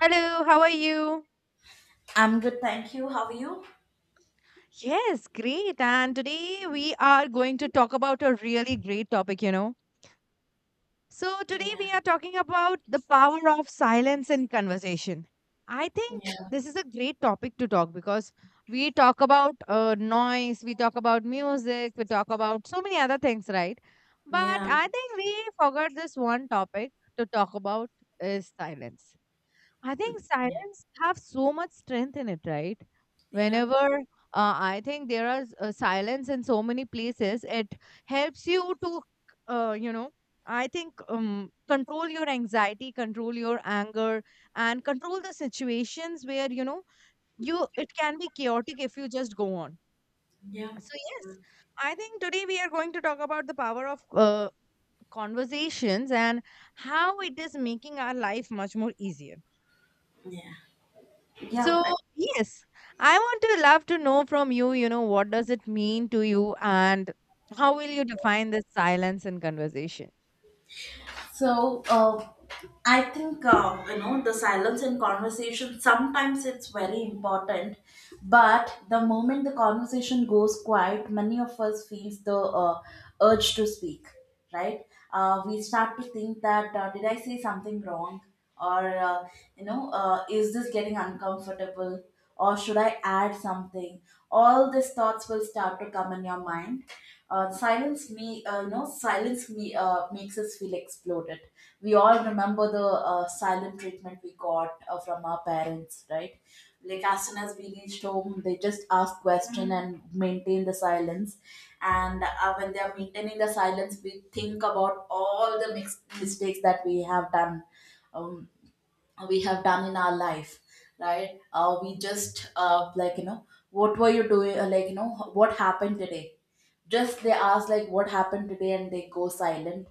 Hello, how are you? I'm good, thank you. How are you? Yes, great. And today we are going to talk about a really great topic, you know. So, today we are Yeah, talking about the power of silence in conversation. I think yeah, this is a great topic to talk because we talk about noise, we talk about music, we talk about so many other things, right? But yeah, I think we forgot this one topic to talk about is silence. I think yeah, silence have so much strength in it, right? yeah, Whenever I think there are silence in so many places, it helps you to, uh, you know, I think control your anxiety, control your anger, and control the situations where you know you it can be chaotic if you just go on. yeah, So yes, I think today we are going to talk about the power of conversations and how it is making our life much more easier. yeah, yeah. So, yes, I want to love to know from you, what does it mean to you and how will you define this silence in conversation? So, I think, the silence in conversation, sometimes it's very important. But the moment the conversation goes quiet, many of us feels the uh, urge to speak. Right? We start to think that, did I say something wrong? Or is this getting uncomfortable, or should I add something? All these thoughts will start to come in your mind. Silence me, silence me, makes us feel exploded. We all remember the silent treatment we got from our parents, right? Like, as soon as we reached home, they just ask question and maintain the silence. And when they are maintaining the silence, we think about all the mistakes that we have done, um, we have done in our life, right? We just, like, you know, what were you doing? Like, you know, what happened today? Just they ask like what happened today and they go silent.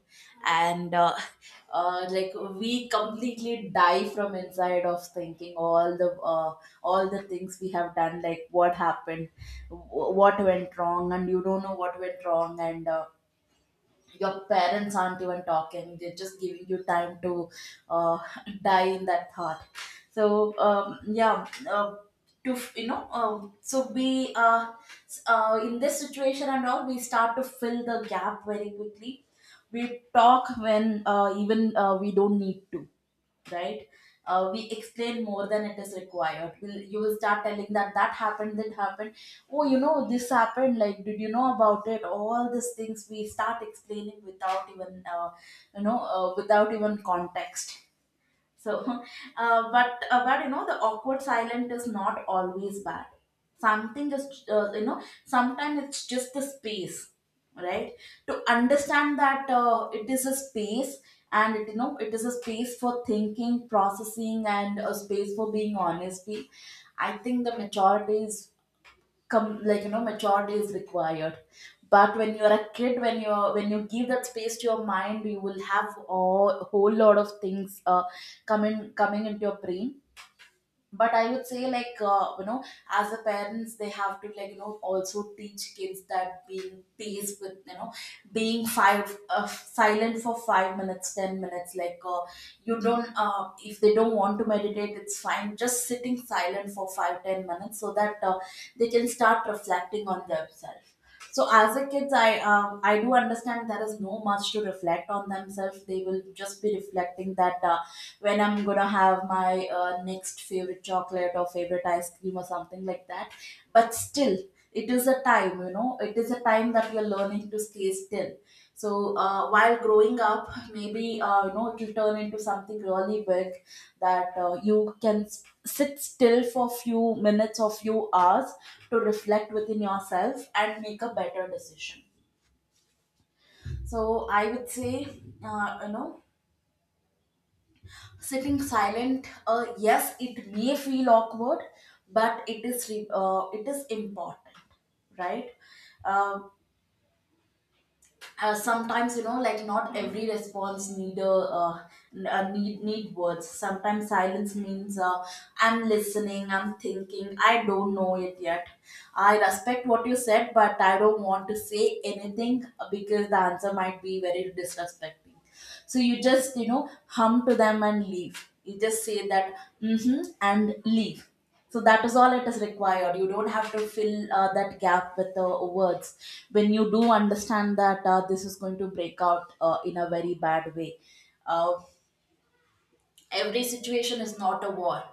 And like, we completely die from inside of thinking all the things we have done. Like, what happened? What went wrong? And you don't know what went wrong. And your parents aren't even talking, they're just giving you time to uh, die in that thought. So, yeah, to, so we, in this situation and all, we start to fill the gap very quickly. We talk when, even, we don't need to, right? We explain more than it is required. You will start telling that that happened, that happened. Oh, you know, this happened. Like, did you know about it? All these things we start explaining without even without even context. So, but, but you know, the awkward silent is not always bad. Something is, you know, sometimes it's just the space, right? To understand that it is a space, and it, you know, it is a space for thinking, processing, and a space for being, honestly. I think the maturity is come, like, you know, maturity is required. But when you're a kid, when you're, when you give that space to your mind, you will have a whole lot of things coming into your brain. But I would say, like, you know, as a parents, they have to, like, you know, also teach kids that being peace with, you know, being five, silent for 5 minutes, 10 minutes like, you don't, if they don't want to meditate, it's fine, just sitting silent for 5 10 minutes, so that they can start reflecting on themselves. So as a kids, I, I do understand there is no much to reflect on themselves, they will just be reflecting that when I'm gonna have my next favorite chocolate or favorite ice cream or something like that. But still, it is a time, you know, it is a time that we are learning to stay still. So, while growing up, maybe, you know, it will turn into something really big, that you can sit still for few minutes or few hours to reflect within yourself and make a better decision. So I would say, you know, sitting silent, yes, it may feel awkward, but it is it is important, right? Um Sometimes, you know, like, not every response need a, uh, need words. Sometimes silence means, I'm listening, I'm thinking, I don't know it yet, I respect what you said but I don't want to say anything, because the answer might be very disrespecting. So you just, you know, hum to them and leave. You just say that, mm-hmm, and leave. So that is all it is required. You don't have to fill that gap with words. When you do understand that this is going to break out in a very bad way. Uh, every situation is not a war,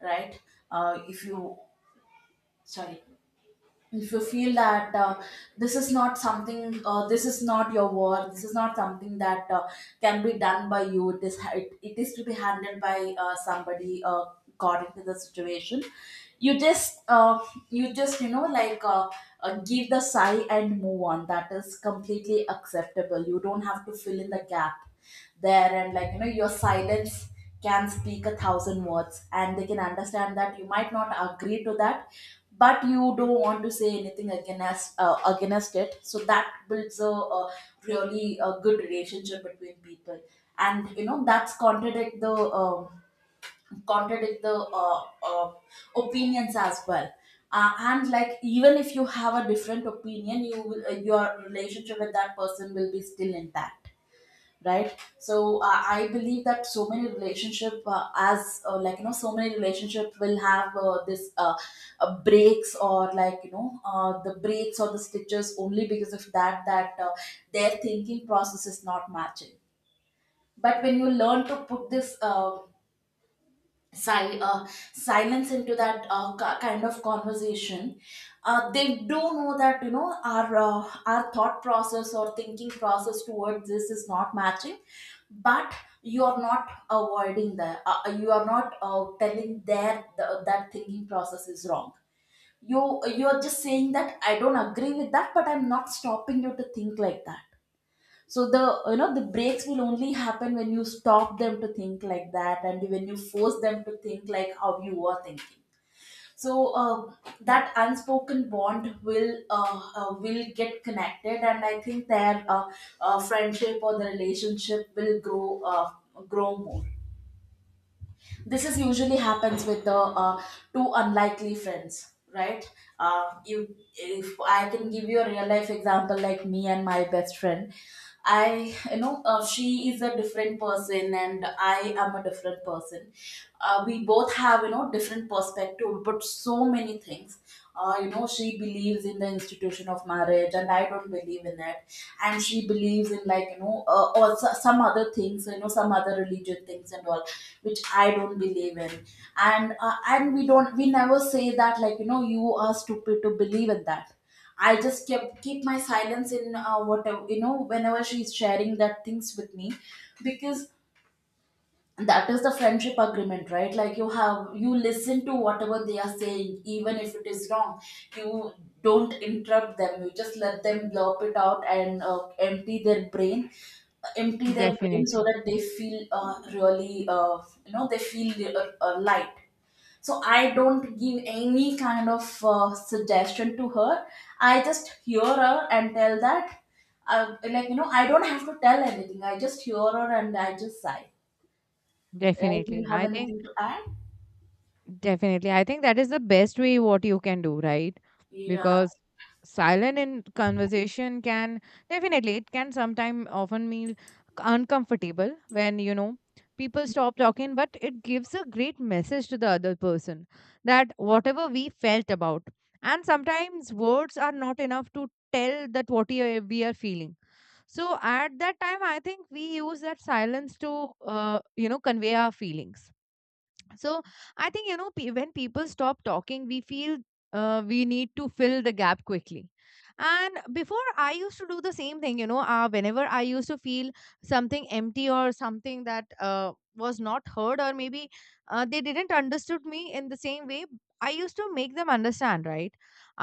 right? If you, sorry, if you feel that this is not something, this is not your war, this is not something that can be done by you, it is to be handled by somebody according to the situation. You just, you just, you know, like, give the sigh and move on. That is completely acceptable. You don't have to fill in the gap there. And like, you know, your silence can speak a thousand words, and they can understand that you might not agree to that, but you don't want to say anything against, against it. So that builds a really a good relationship between people. And you know, that's contradict the, um, contradict the uh, uh, opinions as well. And like, even if you have a different opinion, you will, your relationship with that person will be still intact, right? So I believe that so many relationship, as like, you know, so many relationship will have this, breaks, or like, you know, the breaks or the stitches, only because of that, that their thinking process is not matching. But when you learn to put this, si- uh, silence into that kind of conversation, they do know that, you know, our thought process or thinking process towards this is not matching. But you are not avoiding that, you are not telling their the, that thinking process is wrong. You're just saying that I don't agree with that, but I'm not stopping you to think like that. So the, you know, the breaks will only happen when you stop them to think like that, and when you force them to think like how you were thinking. So that unspoken bond will, will get connected. And I think their friendship or the relationship will grow, grow more. This is usually happens with the two unlikely friends, right? You, if I can give you a real life example, like, me and my best friend, I, you know, she is a different person and I am a different person. We both have, you know, different perspective, but so many things, you know, she believes in the institution of marriage and I don't believe in it. And she believes in, like, you know, or some other things, you know, some other religion things and all, which I don't believe in. And we don't, we never say that, like, you know, you are stupid to believe in that. I just kept keep my silence in, whatever, you know, whenever she's sharing that things with me, because that is the friendship agreement, right? Like, you have, you listen to whatever they are saying, even if it is wrong. You don't interrupt them, you just let them blurb it out and empty their brain, so Definitely. that they feel, really you know, they feel light. So I don't give any kind of suggestion to her. I just hear her and tell that, like, you know, I don't have to tell anything. I just hear her and I just sigh. Do you Definitely. have I think anything to add? definitely. I think that is the best way what you can do, right? Yeah. Because silent in conversation can definitely it can sometime often mean uncomfortable when you know people stop talking, but it gives a great message to the other person that whatever we felt about. And sometimes words are not enough to tell that what we are feeling. So at that time, I think we use that silence to convey our feelings. So I think when people stop talking we feel we need to fill the gap quickly. And before I used to do the same thing, whenever I used to feel something empty or something that was not heard, or maybe they didn't understood me in the same way. I used to make them understand, right?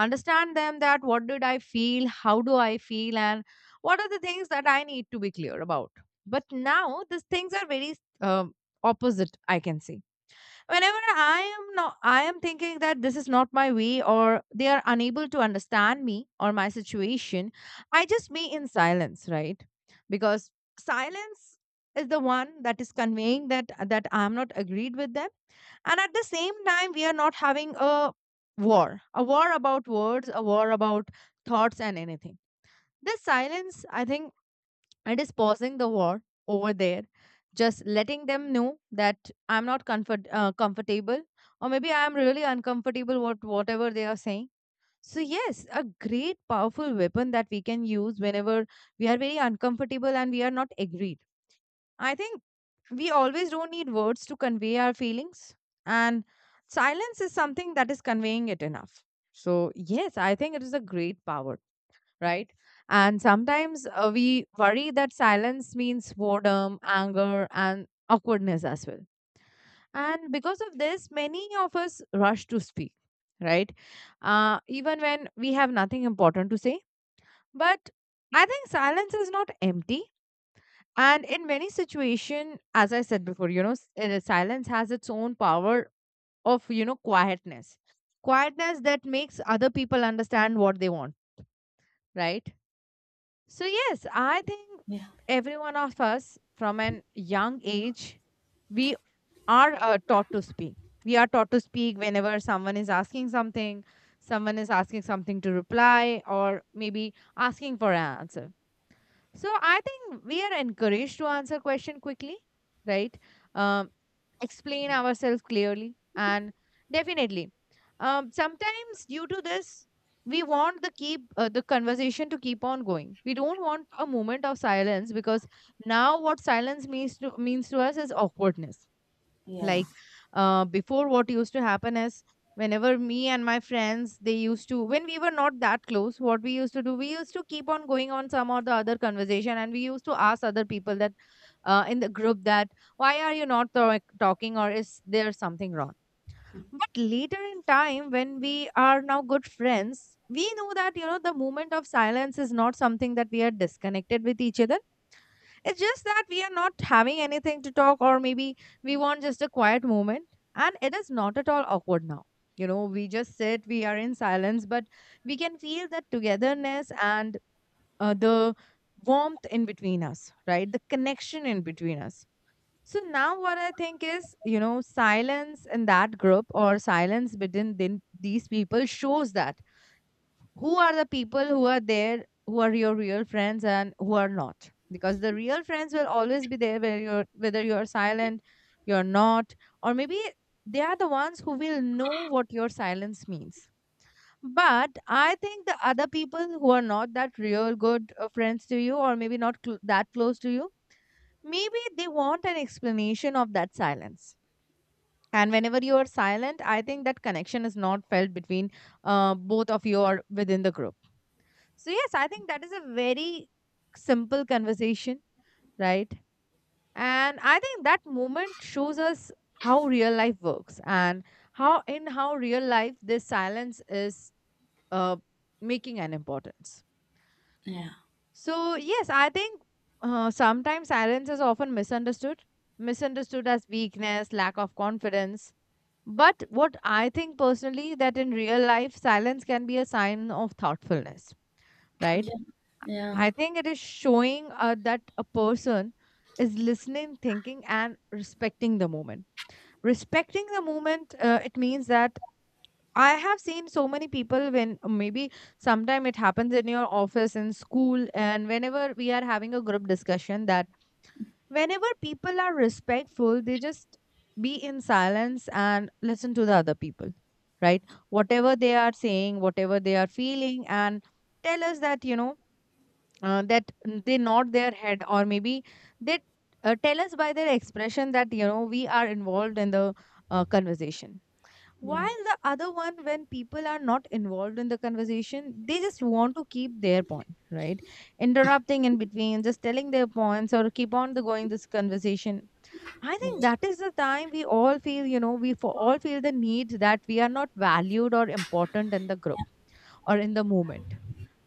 Understand them that what did I feel, how do I feel, and what are the things that I need to be clear about. But now these things are very um opposite, I can say. Whenever I am not I am thinking that this is not my way, or they are unable to understand me or my situation, I just be in silence, right? Because silence is the one that is conveying that that I am not agreed with them. And at the same time we are not having a war, a war about words, a war about thoughts and anything. This silence, I think, it is pausing the war over there, just letting them know that I'm not comfortable, or maybe I'm really uncomfortable what whatever they are saying. So yes, a great powerful weapon that we can use whenever we are very uncomfortable and we are not agreed. I think we always don't need words to convey our feelings, and silence is something that is conveying it enough. So yes, I think it is a great power, right? And sometimes we worry that silence means boredom, anger, and awkwardness as well. And because of this, many of us rush to speak, right? Even when we have nothing important to say. But I think silence is not empty. And in many situations, as I said before, you know, silence has its own power of, you know, quietness. Quietness that makes other people understand what they want, right? So, yes, I think Yeah. every one of us from an young age, we are taught to speak. We are taught to speak whenever someone is asking something, someone is asking something to reply, or maybe asking for an answer. So, I think we are encouraged to answer question quickly, right? Um, Explain ourselves clearly, and definitely sometimes due to this we want the keep the conversation to keep on going. We don't want a moment of silence, because now what silence means to means to us is awkwardness. Yeah. Like before what used to happen is whenever me and my friends they used to when we were not that close, what we used to do, we used to keep on going on some or the other conversation, and we used to ask other people that in the group that why are you not talking or is there something wrong. But later in time when we are now good friends, we know that, you know, the moment of silence is not something that we are disconnected with each other. It's just that we are not having anything to talk, or maybe we want just a quiet moment. And it is not at all awkward now. You know, we just sit, we are in silence, but we can feel that togetherness and the warmth in between us, right? The connection in between us. So now, what I think is, you know, silence in that group or silence between these people shows that who are the people who are there, who are your real friends and who are not, because the real friends will always be there whether you're silent you're not, or maybe they are the ones who will know what your silence means. But I think the other people who are not that real good friends to you, or maybe not that close to you, maybe they want an explanation of that silence. And whenever you are silent, I think that connection is not felt between both of you or within the group. So, yes, I think that is a very simple conversation, right? And I think that moment shows us how real life works, and in how real life, this silence is uh, making an importance. Yeah. So, yes, I think sometimes silence is often misunderstood, misunderstood as weakness, lack of confidence. But what I think personally that in real life, silence can be a sign of thoughtfulness, right? Yeah. Yeah. I think it is showing that a person is listening, thinking, and respecting the moment. Respecting the moment, it means that I have seen so many people when maybe sometime it happens in your office, in school, and whenever we are having a group discussion, that whenever people are respectful, they just be in silence and listen to the other people, right? Whatever they are saying, whatever they are feeling, and tell us that, that they nod their head, or maybe they tell us by their expression that you know we are involved in the conversation. Yeah. Yeah. While the other one, when people are not involved in the conversation, they just want to keep their point, right? Interrupting in between, just telling their points or keep on the going this conversation. I think that is the time we all feel, you know, we for all feel the need that we are not valued or important in the group or in the moment,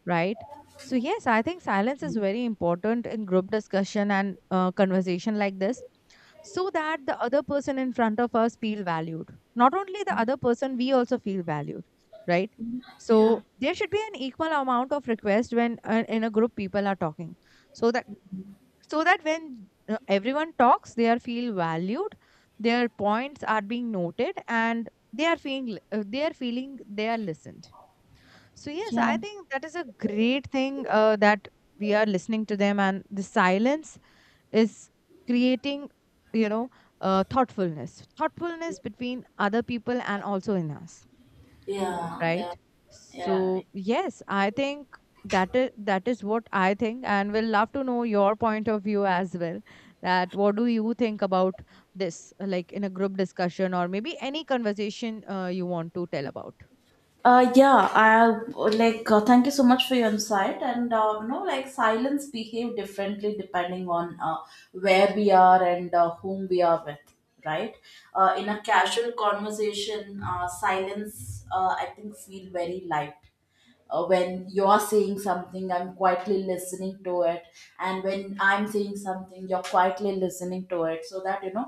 right? So, yes, I think silence is very important in group discussion and conversation like this, so that the other person in front of us feel valued. Not only the other person, we also feel valued, right? So there should be an equal amount of request when in a group people are talking, so that so that when everyone talks they are feel valued, their points are being noted, and they are feeling they are feeling they are listened. So yes, Yeah. I think that is a great thing that we are listening to them, and the silence is creating, you know, thoughtfulness between other people and also in us, Yeah. right? Yeah. Yeah. So yes, I think that is what I think, and we'll love to know your point of view as well. That what do you think about this, like in a group discussion or maybe any conversation you want to tell about? Yeah, I, thank you so much for your insight. And you know, like, silence behave differently depending on where we are and whom we are with, right? In a casual conversation, silence, I think, feel very light. When you're saying something, I'm quietly listening to it, and when I'm saying something, you're quietly listening to it, so that you know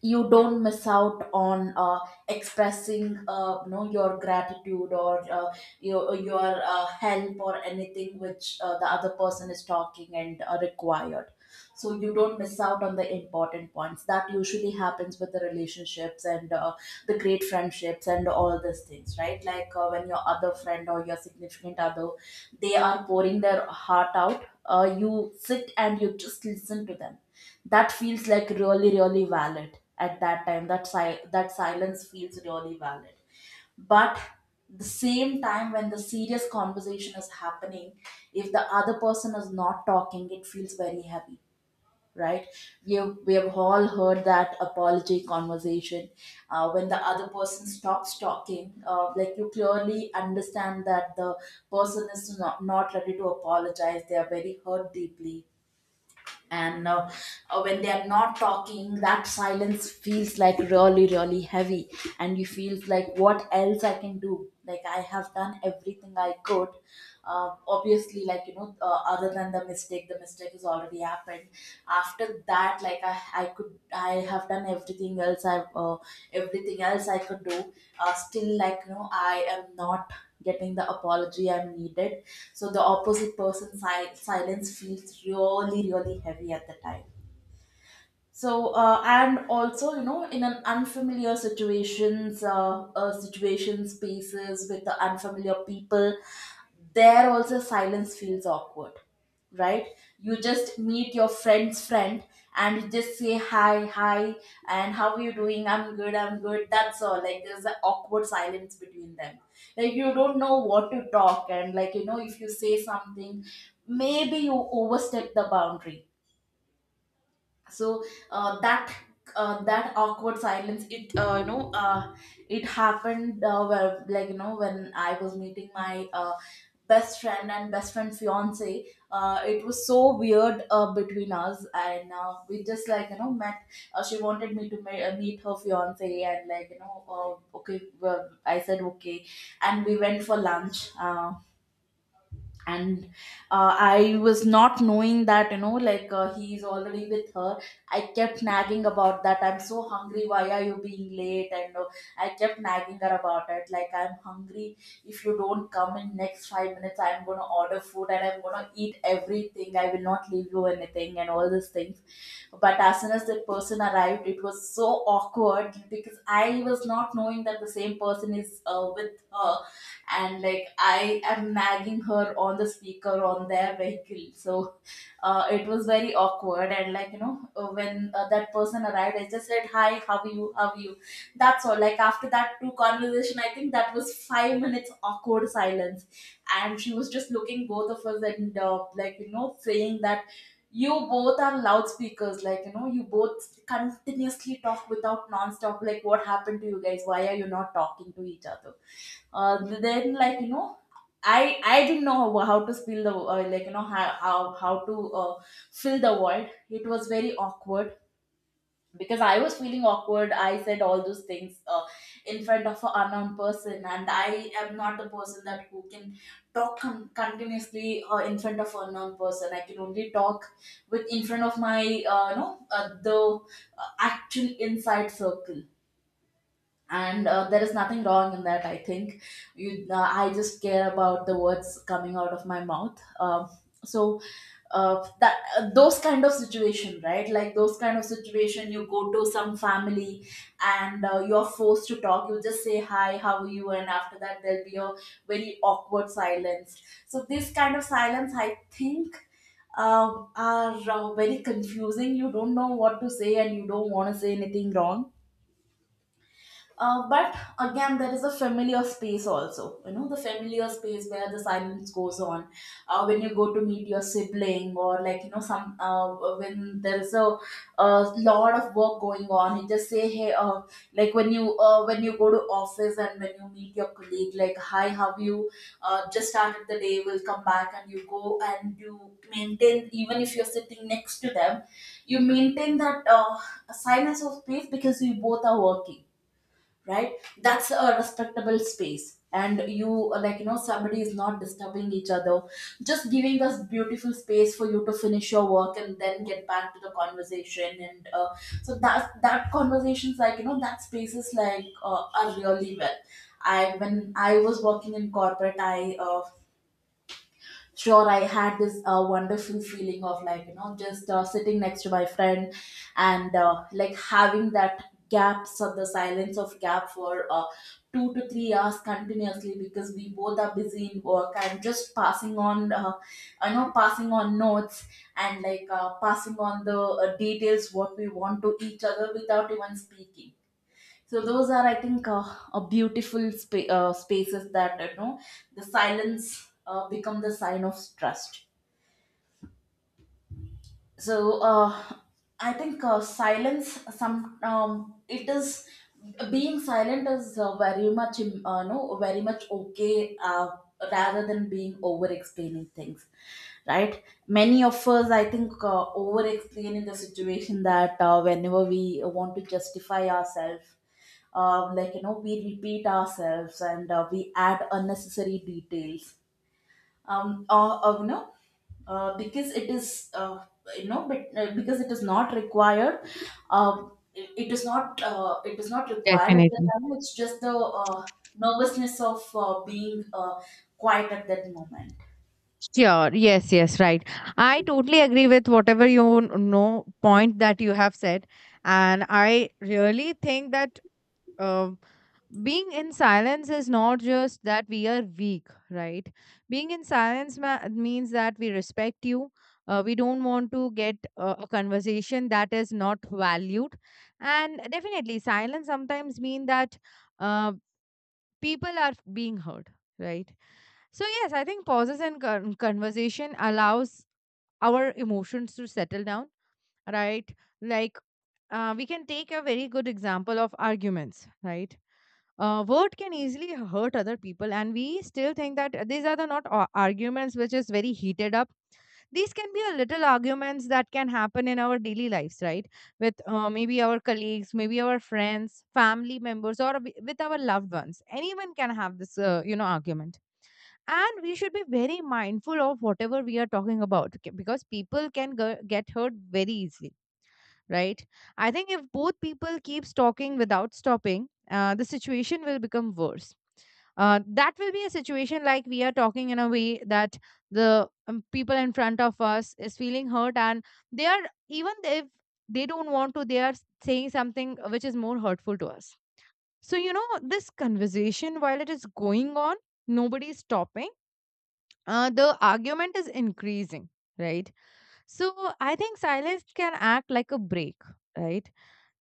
you don't miss out on expressing, your gratitude, or your help, or anything which the other person is talking and required. So you don't miss out on the important points that usually happens with the relationships and the great friendships and all these things, right? Like when your other friend or your significant other, they are pouring their heart out, you sit and you just listen to them. That feels like really, really valid at that time. That that silence feels really valid. But the same time, when the serious conversation is happening, if the other person is not talking, it feels very heavy, right? We have all heard that apology conversation. When the other person stops talking, like, you clearly understand that the person is not ready to apologize. They are very hurt deeply, and when they are not talking, that silence feels like really, really heavy, and you feel like what else I can do. Like, I have done everything I could. Obviously, like, you know, other than the mistake, the mistake has already happened. After that, like, I could I have done everything else, I everything else I could do. Still, like, you know, I am not getting the apology I'm needed. So the opposite person, silence feels really, really heavy at the time. And also, you know, in an unfamiliar situations, situation spaces with the unfamiliar people, there also silence feels awkward, right? You just meet your friend's friend, and you just say, "Hi, hi, and how are you doing?" "I'm good, I'm good." That's all. Like, there's an awkward silence between them. Like, you don't know what to talk, and, like, you know, if you say something, maybe you overstep the boundary. So uh, that that awkward silence, it, it happened where, like, you know, when I was meeting my best friend and best friend fiance, it was so weird between us, and we just, like, you know, met. She wanted me to meet her fiance, and, like, you know, okay, well, I said okay, and we went for lunch, and I was not knowing that, you know, like, he is already with her. I kept nagging about that, "I'm so hungry, why are you being late?" And I kept nagging her about it, like, "I'm hungry. If you don't come in next 5 minutes, I'm going to order food and I'm going to eat everything. I will not leave you anything," and all these things. But as soon as that person arrived, it was so awkward, because I was not knowing that the same person is with her, and, like, I am nagging her on the speaker on their vehicle. So it was very awkward. And, like, you know, when that person arrived, I just said, "Hi, how are you, how are you." That's all. Like, after that two conversation, I think that was 5 minutes awkward silence, and she was just looking both of us, and, like, you know, saying that, "You both are loudspeakers, like, you know, you both continuously talk without non-stop. Like, what happened to you guys? Why are you not talking to each other?" Then, like, you know, I didn't know how to spill the, like, you know, how to fill the void. It was very awkward, because I was feeling awkward. I said all those things in front of an unknown person, and I am not the person that who can talk continuously in front of an unknown person. I can only talk with in front of my no the actual inside circle. And there is nothing wrong in that. I think you. I just care about the words coming out of my mouth. So that Those kind of situation, right? Like, those kind of situation, you go to some family and you're forced to talk. You just say, "Hi, how are you?" And after that, there'll be a very awkward silence. So this kind of silence, I think are very confusing. You don't know what to say, and you don't want to say anything wrong. But again, there is a familiar space also. You know, the familiar space where the silence goes on. When you go to meet your sibling, or, like, you know, some, when there is a lot of work going on, you just say, "Hey," like, when you when you go to office and when you meet your colleague, like, "Hi, how you just started the day? We'll come back," and you go and you maintain. Even if you're sitting next to them, you maintain that silence of space, because you both are working, right? That's a respectable space, and you, like, you know, somebody is not disturbing each other, just giving us beautiful space for you to finish your work and then get back to the conversation. And so that that conversations, like, you know, that spaces, like, are really well. I when I was working in corporate, I sure, I had this wonderful feeling of, like, you know, just sitting next to my friend and, like, having that gaps, or the silence of gap, for 2 to 3 hours continuously, because we both are busy in work, and just passing on, passing on notes, and, like, passing on the details what we want to each other without even speaking. So those are, I think, a beautiful spaces that, you know, the silence become the sign of trust. So I think, silence some, it is, being silent is, very much im- no very much okay, rather than being over explaining things, right? Many of us, I think, over explaining the situation, that whenever we want to justify ourselves, like, you know, we repeat ourselves, and we add unnecessary details. um uh, uh, you know because it is, you know but because it is not required. uh, it is not, it is not required at the Definitely. time. It's just the nervousness of being quiet at that moment. Sure. Yes, yes, right. I totally agree with whatever you know point that you have said. And I really think that um being in silence is not just that we are weak, right? Being in silence means that we respect you. We don't want to get a conversation that is not valued. And definitely, silence sometimes mean that uh, people are being heard, right? So yes, I think pauses and conversation allows our emotions to settle down, right? Like we can take a very good example of arguments, right? Word can easily hurt other people, and we still think that these are the not arguments which is very heated up. These can be a little arguments that can happen in our daily lives, right? With maybe our colleagues, maybe our friends, family members, or with our loved ones. Anyone can have this, argument, and we should be very mindful of whatever we are talking about, okay, because people can get hurt very easily, right? I think if both people keeps talking without stopping, the situation will become worse. Uh, that will be a situation like we are talking in a way that the people in front of us is feeling hurt, and they are, even if they don't want to, they are saying something which is more hurtful to us. So, this conversation, while it is going on, nobody is stopping, the argument is increasing, right? So I think silence can act like a break, right?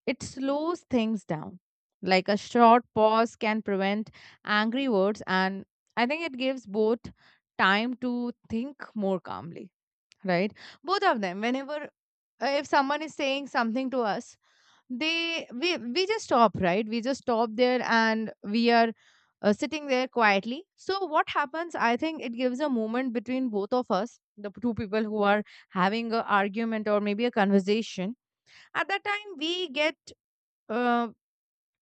It slows things down. Like a short pause can prevent angry words, and I think it gives both time to think more calmly, right? Both of them, whenever, if someone is saying something to us, they we just stop, right, we just stop there and we are sitting there quietly. So what happens, I think it gives a moment between both of us, the two people who are having a argument or maybe a conversation. At that time, we get, uh,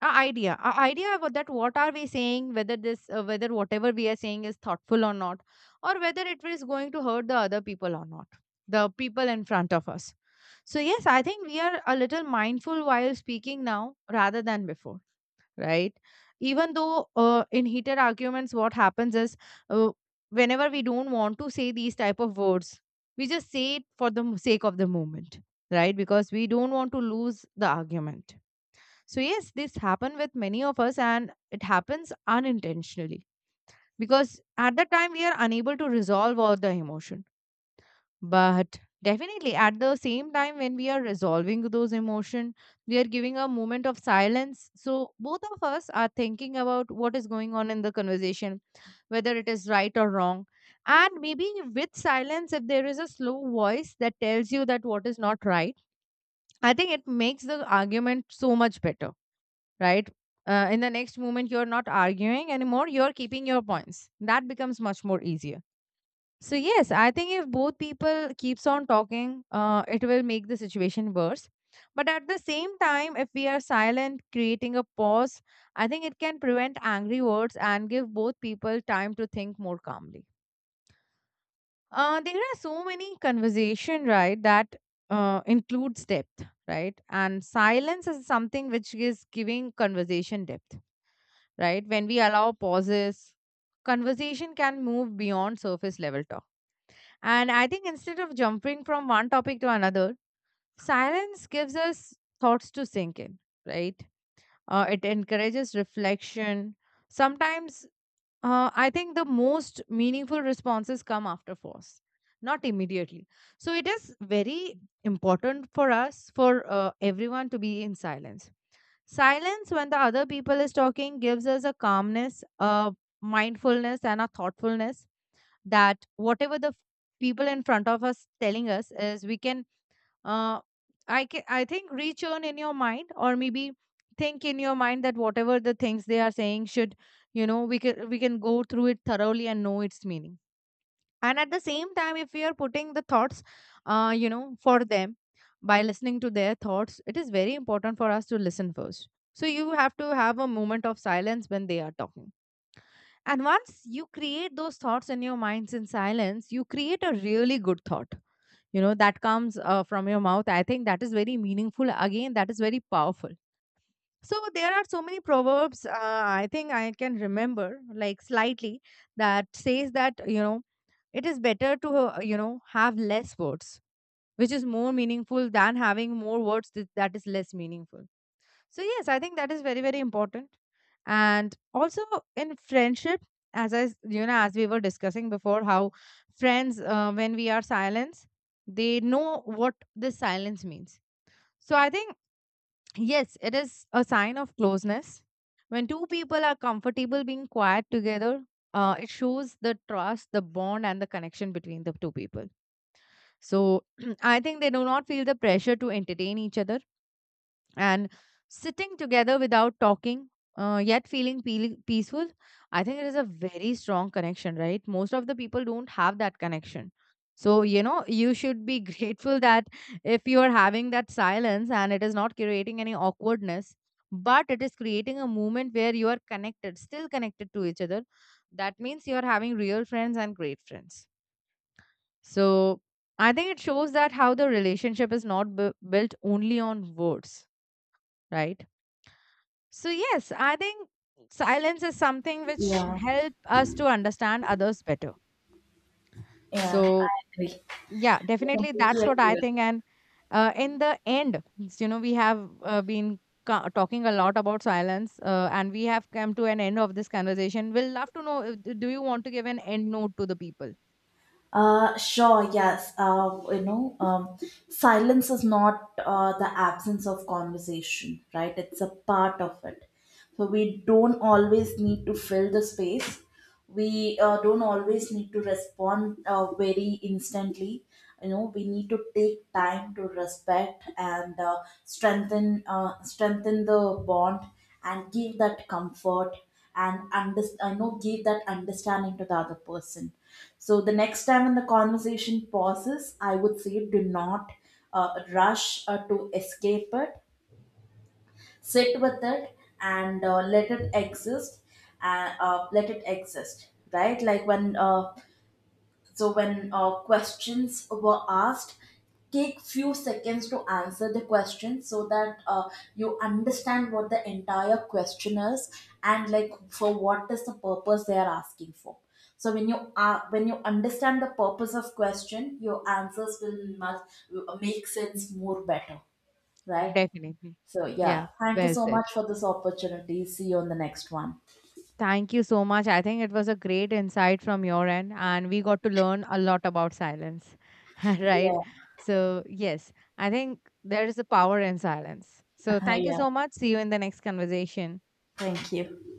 a idea, a idea about that, what are we saying, whether this whether whatever we are saying is thoughtful or not, or whether it is going to hurt the other people or not, the people in front of us. So yes, I think we are a little mindful while speaking now rather than before, right? Even though, in heated arguments, what happens is, uh, whenever we don't want to say these type of words, we just say it for the sake of the moment, right, because we don't want to lose the argument. So yes, this happened with many of us, and it happens unintentionally, because at the time we are unable to resolve all the emotion. But definitely at the same time when we are resolving those emotion, we are giving a moment of silence. So both of us are thinking about what is going on in the conversation, whether it is right or wrong. And maybe with silence, if there is a slow voice that tells you that what is not right, I think it makes the argument so much better, right? In the next moment, you're not arguing anymore, you're keeping your points. That becomes much more easier. So, yes, I think if both people keeps on talking, it will make the situation worse. But at the same time, if we are silent, creating a pause, I think it can prevent angry words and give both people time to think more calmly. There are so many conversation, right, that includes depth, right? And silence is something which is giving conversation depth, right? When we allow pauses, conversation can move beyond surface level talk. And I think instead of jumping from one topic to another, silence gives us thoughts to sink in, right? It encourages reflection. Sometimes I think the most meaningful responses come after force, not immediately. So it is very important for us, for everyone to be in silence. Silence when the other people is talking gives us a calmness, a mindfulness, and a thoughtfulness, that whatever the people in front of us telling us is, we can, uh, I think, return in your mind, or maybe think in your mind, that whatever the things they are saying should, you know, we can go through it thoroughly and know its meaning. And at the same time, if we are putting the thoughts, for them, by listening to their thoughts, it is very important for us to listen first. So you have to have a moment of silence when they are talking, and once you create those thoughts in your minds in silence, you create a really good thought, you know, that comes from your mouth. I think that is very meaningful. Again, that is very powerful. So there are so many proverbs, I think I can remember like slightly, that says that, you know, it is better to, have less words, which is more meaningful, than having more words that is less meaningful. So, yes, I think that is very, very important. And also, in friendship, as I, s- you know, as we were discussing before, how friends, when we are silent, they know what this silence means. So, I think, yes, it is a sign of closeness. When two people are comfortable being quiet together, it shows the trust, the bond, and the connection between the two people. So I think they do not feel the pressure to entertain each other, and sitting together without talking. Yet feeling peaceful, I think it is a very strong connection, right? Most of the people don't have that connection. So, you know, you should be grateful that if you are having that silence, and it is not creating any awkwardness, but it is creating a moment where still connected to each other, that means you are having real friends and great friends. So I think it shows that how the relationship is not built only on words, right? So, yes, I think silence is something which Yeah, help us to understand others better. yeah, I So, agree. yeah, I definitely completely that's what I agree. think. And in the end, we have been talking a lot about silence, and we have come to an end of this conversation. We'll love to know, do you want to give an end note to the people? Sure, yes. You know, silence is not the absence of conversation, right? It's a part of it. So we don't always need to fill the space. We don't always need to respond very instantly. You know, we need to take time to respect and strengthen the bond, and give that comfort, and under, know give that understanding to the other person. So the next time when the conversation pauses, I would say do not rush to escape it. Sit with it, and let it exist. Let it exist, right? Like, when questions were asked, take few seconds to answer the question, so that you understand what the entire question is, and, like, for what is the purpose they are asking for. So when you are, when you understand the purpose of question, your answers will must make sense more better, right? Definitely. So yeah, Yeah, thank you well so said. much for this opportunity. See you on the next one. Thank you so much. I think it was a great insight from your end, and we got to learn a lot about silence, right? Yeah, So, yes, I think there is a power in silence. So, thank you yeah. so much. See you in the next conversation. Thank you.